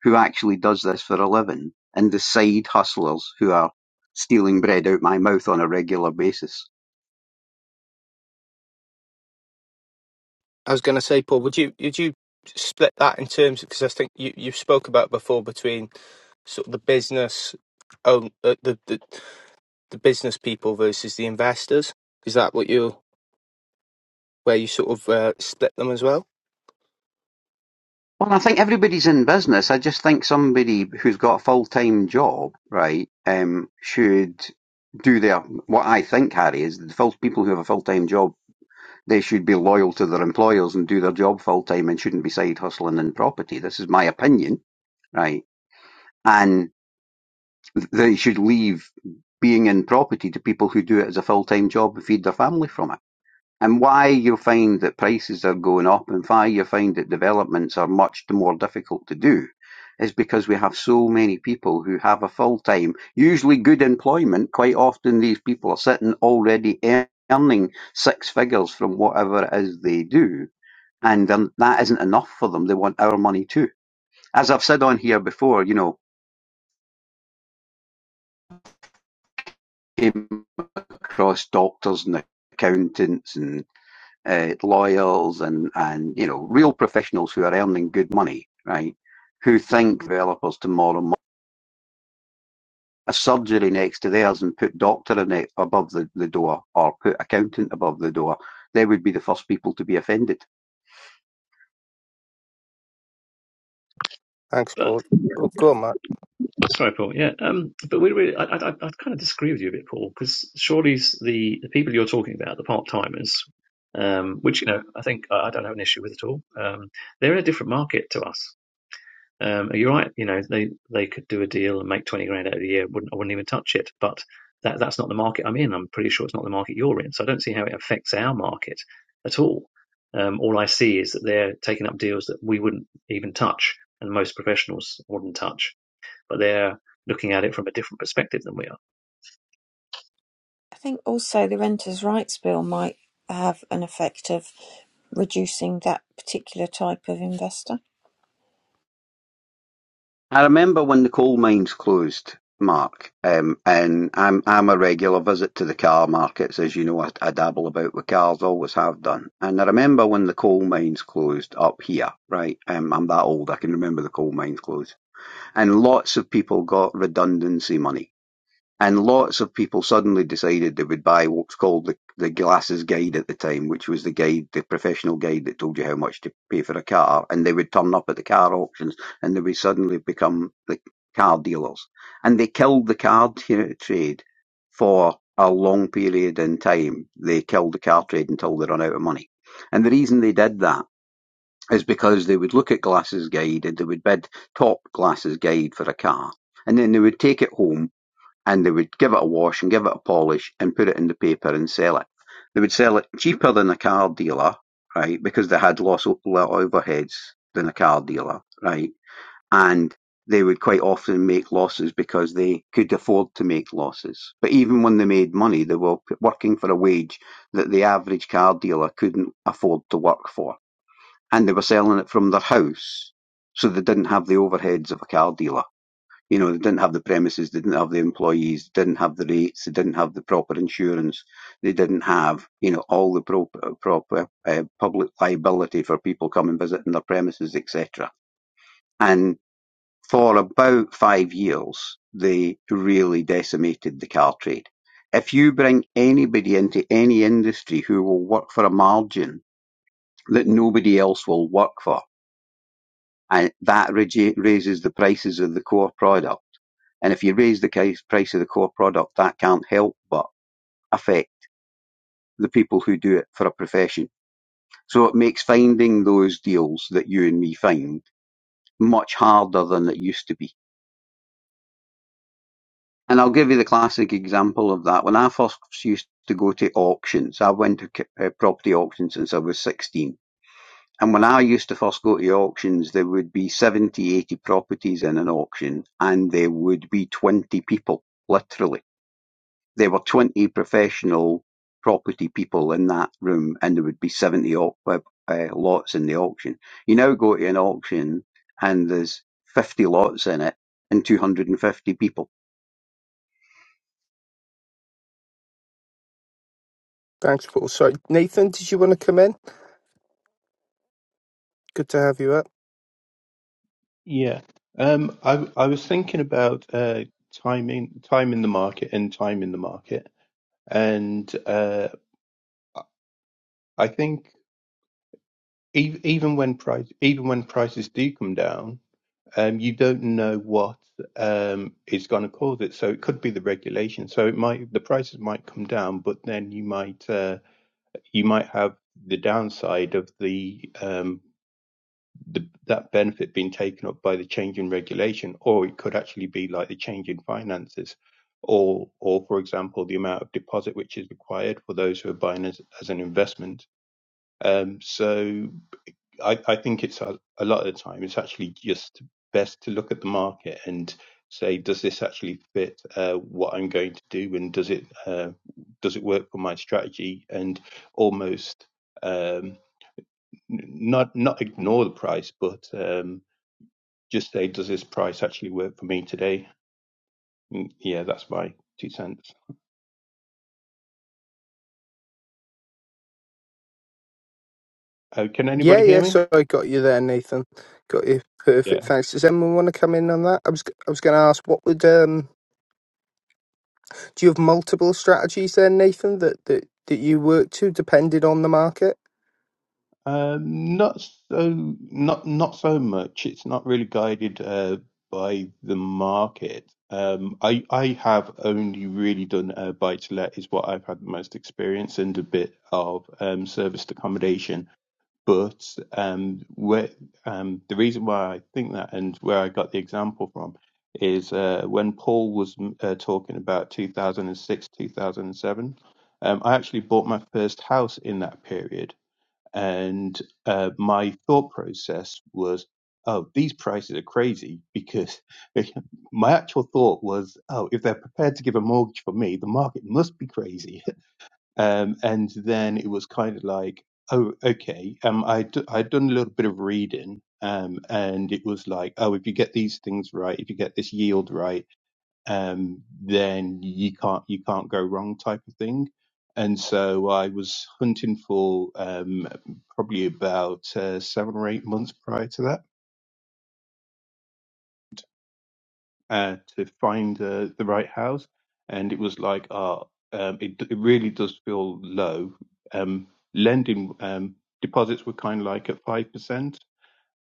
[SPEAKER 5] who actually does this for a living and the side hustlers who are stealing bread out my mouth on a regular basis.
[SPEAKER 1] I was going to say, Paul, would you would you split that in terms because I think you you spoke about before between sort of the business own uh, the, the the business people versus the investors. Is that what you where you sort of uh, split them as well?
[SPEAKER 5] Well, I think everybody's in business. I just think somebody who's got a full time job, right, um, should do their what I think, Harry, is the full people who have a full time job, they should be loyal to their employers and do their job full time and shouldn't be side hustling in property. This is my opinion, right? And they should leave being in property to people who do it as a full time job and feed their family from it and why you find that prices are going up and why you find that developments are much more difficult to do is because we have so many people who have a full time, usually good employment. Quite often, these people are sitting already earning six figures from whatever it is they do, and then that isn't enough for them. They want our money too. As I've said on here before, you know, came across doctors and accountants and uh, lawyers and and you know real professionals who are earning good money, right? Who think developers tomorrow mo- a surgery next to theirs and put doctor in it above the, the door or put accountant above the door, they would be the first people to be offended.
[SPEAKER 1] Thanks,
[SPEAKER 3] But
[SPEAKER 1] Paul. Oh, go on, Matt.
[SPEAKER 3] Sorry, Paul. Yeah, um, but we, we, I, I, I kind of disagree with you a bit, Paul, because surely the, the people you're talking about, the part timers, um, which you know I think I, I don't have an issue with at all. Um, they're in a different market to us. Um, you're right. You know, they they could do a deal and make twenty grand out of the year. Wouldn't I wouldn't even touch it. But that that's not the market I'm in. I'm pretty sure it's not the market you're in. So I don't see how it affects our market at all. Um, all I see is that they're taking up deals that we wouldn't even touch, and most professionals wouldn't touch but they're looking at it from a different perspective than we are.
[SPEAKER 2] I think also the Renters' Rights Bill might have an effect of reducing that particular type of investor.
[SPEAKER 5] I remember when the coal mines closed, Mark, um, and I'm I'm a regular visit to the car markets, as you know. I, I dabble about with cars, always have done. And I remember when the coal mines closed up here, right? Um, I'm that old, I can remember the coal mines closed And lots of people got redundancy money. And lots of people suddenly decided they would buy what's called the, the glasses guide at the time, which was the guide, the professional guide that told you how much to pay for a car. And they would turn up at the car auctions and they would suddenly become the car dealers. And they killed the car t- uh, trade for a long period in time. They killed the car trade until they run out of money. And the reason they did that is because they would look at Glass's guide and they would bid top Glass's guide for a car. And then they would take it home and they would give it a wash and give it a polish and put it in the paper and sell it. They would sell it cheaper than a car dealer, right, because they had less overheads than a car dealer, right? And they would quite often make losses because they could afford to make losses. But even when they made money, they were working for a wage that the average car dealer couldn't afford to work for and they were selling it from their house. So they didn't have the overheads of a car dealer. You know, they didn't have the premises, they didn't have the employees, they didn't have the rates, they didn't have the proper insurance, they didn't have, you know, all the pro- proper uh, public liability for people coming visiting their premises, etc. And for about five years, they really decimated the car trade. If you bring anybody into any industry who will work for a margin that nobody else will work for, and that raises the prices of the core product. And if you raise the price of the core product, that can't help but affect the people who do it for a profession. So it makes finding those deals that you and me find much harder than it used to be. And I'll give you the classic example of that. When I first used to go to auctions, I went to uh, property auctions since I was 16 And when I used to first go to the auctions, there would be 70, 80 properties in an auction, and there would be 20 people, literally. There were 20 professional property people in that room, and there would be 70 au- uh, uh, lots in the auction. You now go to an auction, and there's 50 lots in it, and 250 people.
[SPEAKER 1] Thanks, Paul. Sorry, Nathan, did you want to come in? Good to have you up.
[SPEAKER 6] Yeah. Um, I I was thinking about uh timing time in the market and time in the market. And uh I think ev even when price even when prices do come down, um you don't know what um is going to cause it. So it could be the regulation. So it might the prices might come down, but then you might uh you might have the downside of the um the, that benefit being taken up by the change in regulation, or it could actually be like the change in finances, or, or for example, the amount of deposit which is required for those who are buying as, as an investment. Um, so I, I think it's a, a lot of the time it's actually just best to look at the market and say, does this actually fit uh, what I'm going to do, and does it uh, does it work for my strategy, and almost um, not not ignore the price, but um, just say, does this price actually work for me today? Mm, Yeah, that's my two cents. Uh, can
[SPEAKER 1] Yeah,
[SPEAKER 6] anybody hear
[SPEAKER 1] yeah.
[SPEAKER 6] me?
[SPEAKER 1] So I got you there, Nathan. Got you. Perfect.
[SPEAKER 6] Yeah.
[SPEAKER 1] Thanks. Does anyone want to come in on that? I was I was going to ask, what would um, do you have multiple strategies there, Nathan, that that that you work to, depending on the market?
[SPEAKER 6] Um, not so, not not so much. It's not really guided uh, by the market. Um, I I have only really done uh, buy to let is what I've had the most experience and a bit of um, serviced accommodation but um, where, um, the reason why I think that and where I got the example from is uh, when Paul was mm, uh, talking about 2006, 2007. Um, I actually bought my first house in that period, and uh, my thought process was, "Oh, these prices are crazy." Because *laughs* my actual thought was, "Oh, if they're prepared to give a mortgage for me, the market must be crazy." um, and then it was kind of like, oh, okay. Um, I d- I'd done a little bit of reading, um, and it was like, oh, if you get these things right, if you get this yield right, um, then you can't you can't go wrong type of thing. And so I was hunting for um, probably about uh, seven or eight months prior to that uh, to find uh, the right house, and it was like, uh, um, it, it really does feel low. Um, lending um, deposits were kind of like at five percent,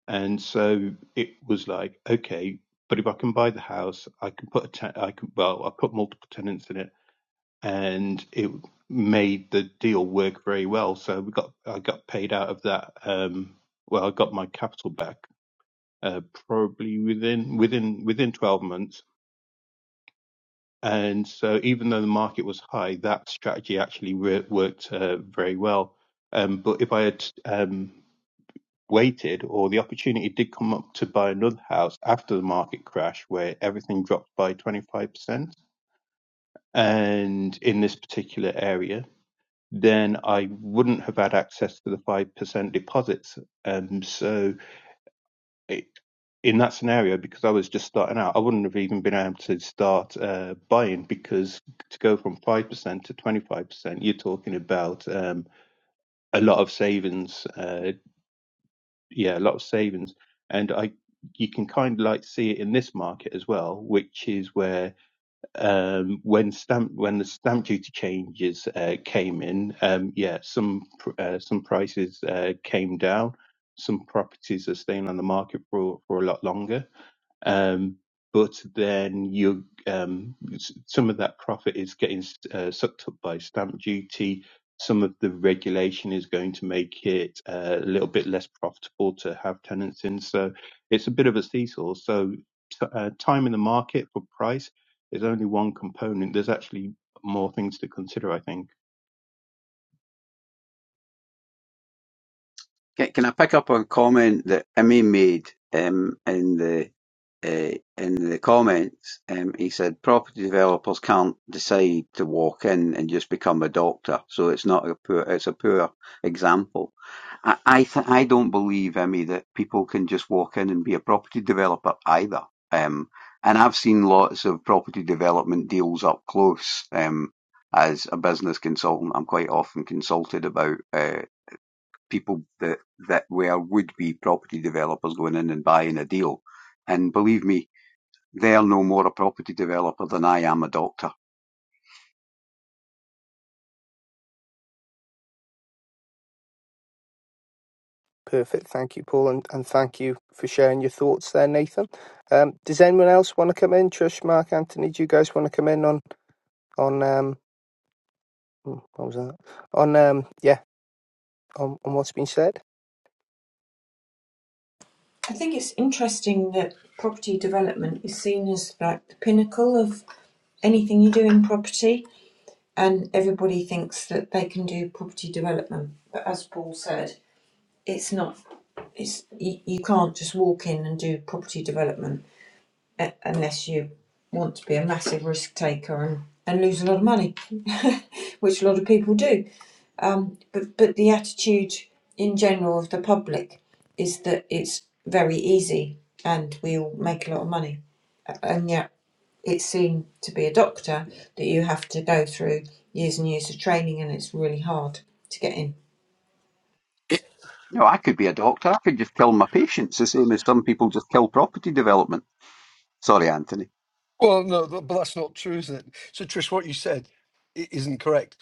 [SPEAKER 6] and so it was like, okay, but if I can buy the house, I can put a te- I can well, I put multiple tenants in it, and it made the deal work very well. So we got I got paid out of that. Um, well, I got my capital back uh, probably within within within twelve months And so, even though the market was high, that strategy actually re- worked uh, very well. Um, but if I had um, waited, or the opportunity did come up to buy another house after the market crash, where everything dropped by 25%, and in this particular area, then I wouldn't have had access to the 5% deposits. Um, so, it, in that scenario, because I was just starting out, I wouldn't have even been able to start uh, buying because to go from 5% to 25%, you're talking about um, a lot of savings. Uh, yeah, a lot of savings. And I, you can kind of like see it in this market as well, which is where um, when stamp when the stamp duty changes uh, came in, um, yeah, some pr- uh, some prices uh, came down, some properties are staying on the market for for a lot longer um, but then you um, some of that profit is getting uh, sucked up by stamp duty. Some of the regulation is going to make it uh, a little bit less profitable to have tenants in. So it's a bit of a seesaw. So t- uh, time in the market for price is only one component. There's actually more things to consider, I think.
[SPEAKER 5] Can, can I pick up on a comment that Emmy made um, in the uh, in the comments? Um, he said property developers can't decide to walk in and just become a doctor, so it's not a poor it's a poor example. I I, th- I don't believe Emmy that people can just walk in and be a property developer either. Um, and I've seen lots of property development deals up close. Um, as a business consultant, I'm quite often consulted about. Uh, people that that were would be property developers going in and buying a deal. And believe me, they're no more a property developer than I am a doctor.
[SPEAKER 1] Perfect. Thank you, Paul, and and thank you for sharing your thoughts there, Nathan. Um, does anyone else want to come in? Trish, Mark, Anthony, do you guys want to come in on on um, hmm, what was that? On um, yeah, on on what's been said.
[SPEAKER 2] I think it's interesting that property development is seen as like the pinnacle of anything you do in property, and everybody thinks that they can do property development. But as Paul said, it's not. It's you, you can't just walk in and do property development a- unless you want to be a massive risk taker and and lose a lot of money, *laughs* which a lot of people do. Um, but but the attitude in general of the public is that it's very easy and we all make a lot of money, and yet it seemed to be a doctor that you have to go through years and years of training and it's really hard to get in.
[SPEAKER 5] No, I could be a doctor. I could just kill my patients the same as some people just kill property development. Sorry, Anthony.
[SPEAKER 4] Well, no, th- but that's not true, isn't it? So, Trish, what you said i- isn't correct.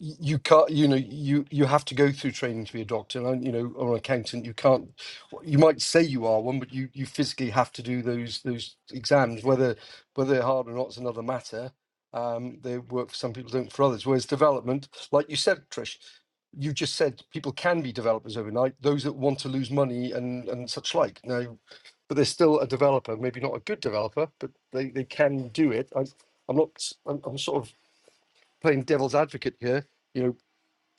[SPEAKER 4] y- you can't you know you you have to go through training to be a doctor and you know or an accountant you can't you might say you are one but you you physically have to do those those exams whether whether they're hard or not is another matter um they work for some people don't for others whereas development like you said trish you just said people can be developers overnight those that want to lose money and and such like now but they're still a developer maybe not a good developer but they they can do it I, i'm not s- I'm, I'm sort of playing devil's advocate here you know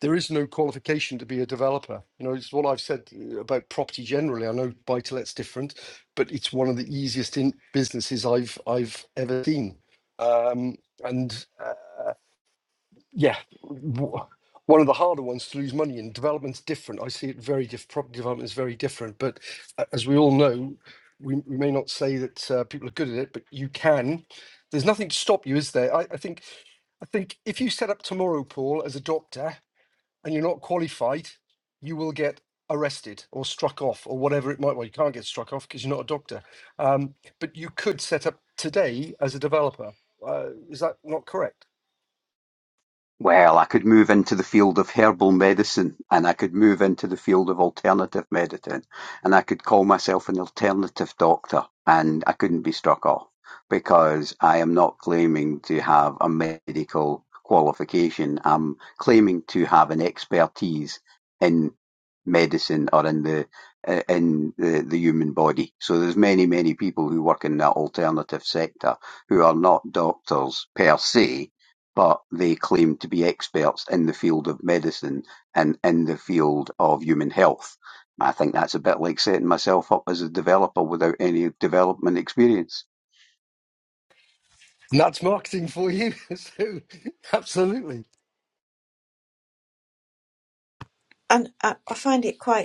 [SPEAKER 4] there is no qualification to be a developer. You know, it's what I've said uh, about property generally. I know buy to let's different, but it's one of the easiest in businesses I've I've ever seen. Um, and uh, yeah, w- one of the harder ones to lose money in. Development's different. I see it very different. Property development is very different. But a- as we all know, we, we may not say that uh, people are good at it, but you can. There's nothing to stop you, is there? I, I think I think if you set up tomorrow, Paul, as a doctor and you're not qualified, you will get arrested or struck off or whatever it might. Well, you can't get struck off because you're not a doctor. Um, but you could set up today as a developer. Uh, is that not correct?
[SPEAKER 5] Well, I could move into the field of herbal medicine and I could move into the field of alternative medicine and I could call myself an alternative doctor and I couldn't be struck off because I am not claiming to have a medical qualification. I'm claiming to have an expertise in medicine or in the uh, in the, the human body. So there's many, many people who work in that alternative sector who are not doctors per se, but they claim to be experts in the field of medicine and in the field of human health. I think that's a bit like setting myself up as a developer without any development experience.
[SPEAKER 4] And that's marketing for you. *laughs* so, absolutely.
[SPEAKER 2] And I, I find it quite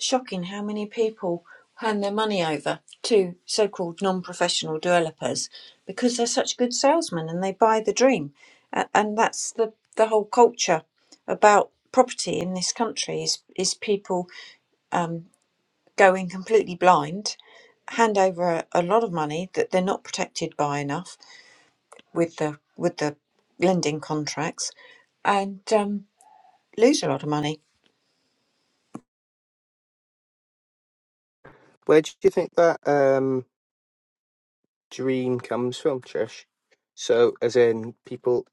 [SPEAKER 2] shocking how many people hand their money over to so-called non-professional developers because they're such good salesmen and they buy the dream A- and that's the the whole culture about property in this country is is people um, going completely blind hand over a, a lot of money that they're not protected by enough with the with the lending contracts and um, lose a lot of money
[SPEAKER 1] Where do you think that um? dream comes from, Trish. So, as in people,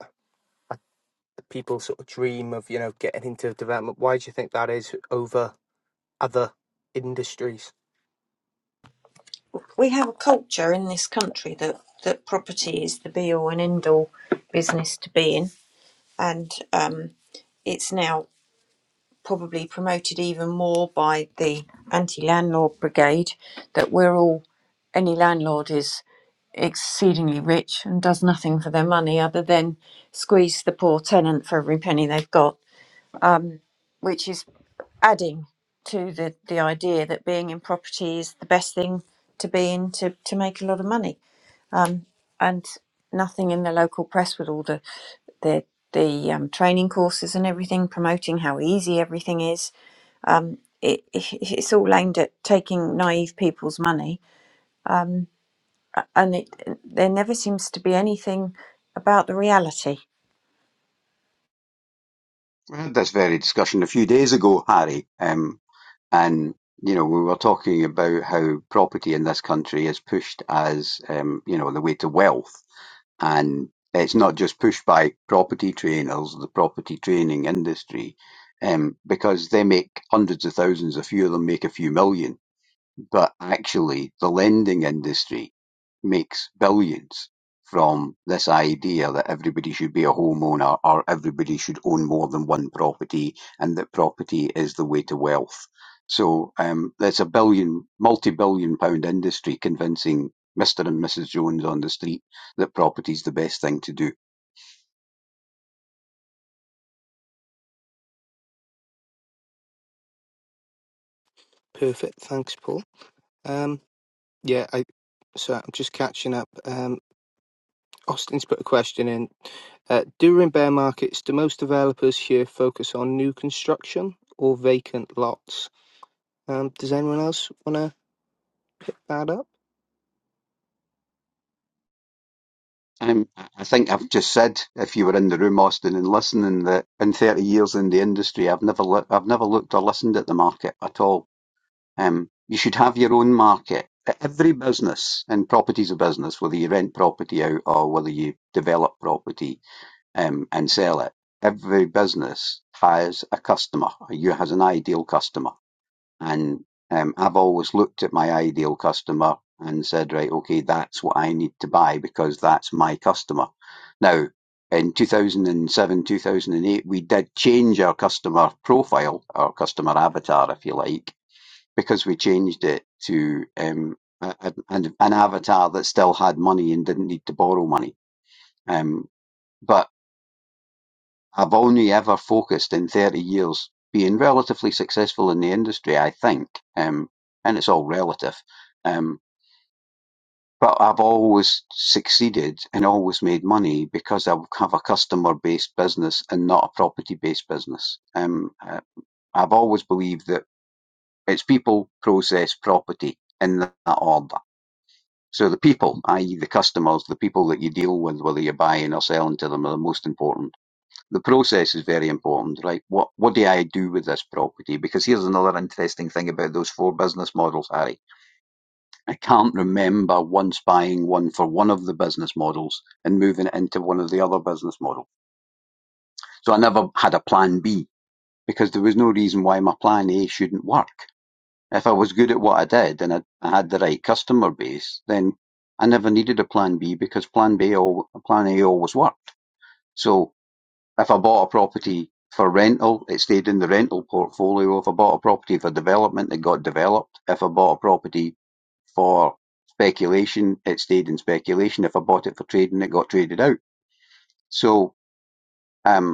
[SPEAKER 1] people sort of dream of you know getting into development. Why do you think that is over other industries?
[SPEAKER 2] we have a culture in this country that that property is the be all and end all business to be in, and um, it's now probably promoted even more by the anti-landlord brigade that we're all any landlord is exceedingly rich and does nothing for their money other than squeeze the poor tenant for every penny they've got, which is adding to the, the idea that being in property is the best thing to be in to, to make a lot of money um, and nothing in the local press with all the the the um, training courses and everything, promoting how easy everything is. Um, it, it, it's all aimed at taking naive people's money, and it, there never seems to be anything about the reality.
[SPEAKER 5] We had this very discussion a few days ago, Harry, um, and you know we were talking about how property in this country is pushed as um, you know the way to wealth, and it's not just pushed by property trainers, the property training industry, um, because they make hundreds of thousands, a few of them make a few million but actually the lending industry makes billions from this idea that everybody should be a homeowner or everybody should own more than one property and that property is the way to wealth. So um, there's a billion, multi-billion pound industry convincing Mr. and Mrs. Jones on the street that property's the best thing to do.
[SPEAKER 1] Perfect. Thanks, Paul. Um, yeah, I. So I'm just catching up. Um, Austin's put a question in. Uh, during bear markets, do most developers here focus on new construction or vacant lots? Um, does anyone else want to add up?
[SPEAKER 5] Um, I think I've just said, if you were in the room, Austin, and listening, that in 30 years in the industry, I've never, li- I've never looked or listened at the market at all Um, you should have your own market. Every business, and property's a business, whether you rent property out or whether you develop property um, and sell it, every business has a customer. You has an ideal customer, and um, I've always looked at my ideal customer and said, right, okay, that's what I need to buy because that's my customer. Now, in 2007, 2008, we did change our customer profile, our customer avatar, if you like because we changed it to um, a, a, an avatar that still had money and didn't need to borrow money. Um, but I've only ever focused in 30 years being relatively successful in the industry, I think, um, and it's all relative. Um, but I've always succeeded and always made money because I have a customer based business and not a property based business. Um, uh, I've always believed that it's people, process, property in that order So the people, i.e. the customers, the people that you deal with, whether you're buying or selling to them, are the most important. The process is very important, right? What what do I do with this property? Because here's another interesting thing about those four business models, Harry. I can't remember once buying one for one of the business models and moving it into one of the other business models. So I never had a plan B because there was no reason why my plan A shouldn't work If I was good at what I did and I, I had the right customer base, then I never needed a plan B because plan B al- plan A always worked. So if I bought a property for rental, it stayed in the rental portfolio. If I bought a property for development, it got developed. If I bought a property for speculation, it stayed in speculation. If I bought it for trading, it got traded out. So um,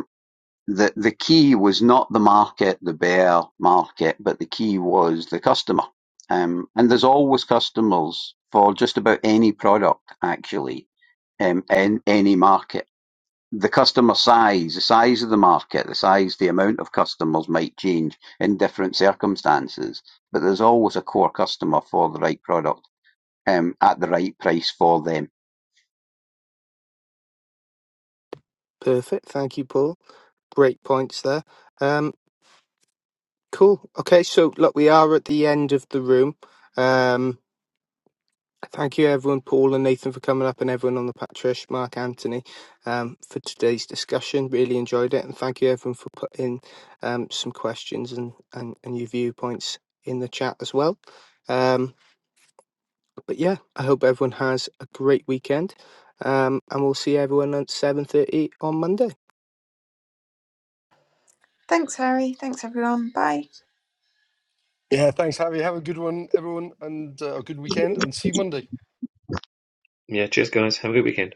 [SPEAKER 5] the the key was not the market, the bear market, but the key was the customer. Um, and there's always customers for just about any product, actually, um, in any market. The customer size, the size of the market, the size, the amount of customers might change in different circumstances, but there's always a core customer for the right product um, at the right price for them.
[SPEAKER 1] Perfect. Thank you, Paul. Great points there. Um, Cool. Okay, so look, we are at the end of the room. Um, thank you, everyone, Paul and Nathan, for coming up, and everyone on the Patrish, Mark, Anthony, um, for today's discussion. Really enjoyed it, and thank you, everyone, for putting um, some questions and, and, and your viewpoints in the chat as well. Um, but yeah, I hope everyone has a great weekend, um, and we'll see everyone at seven thirty on Monday.
[SPEAKER 2] Thanks, Harry. Thanks, everyone. Bye.
[SPEAKER 4] Yeah. Thanks, Harry. Have a good one, everyone, and uh, a good weekend, and see you Monday.
[SPEAKER 3] Yeah, cheers, guys. Have a good weekend.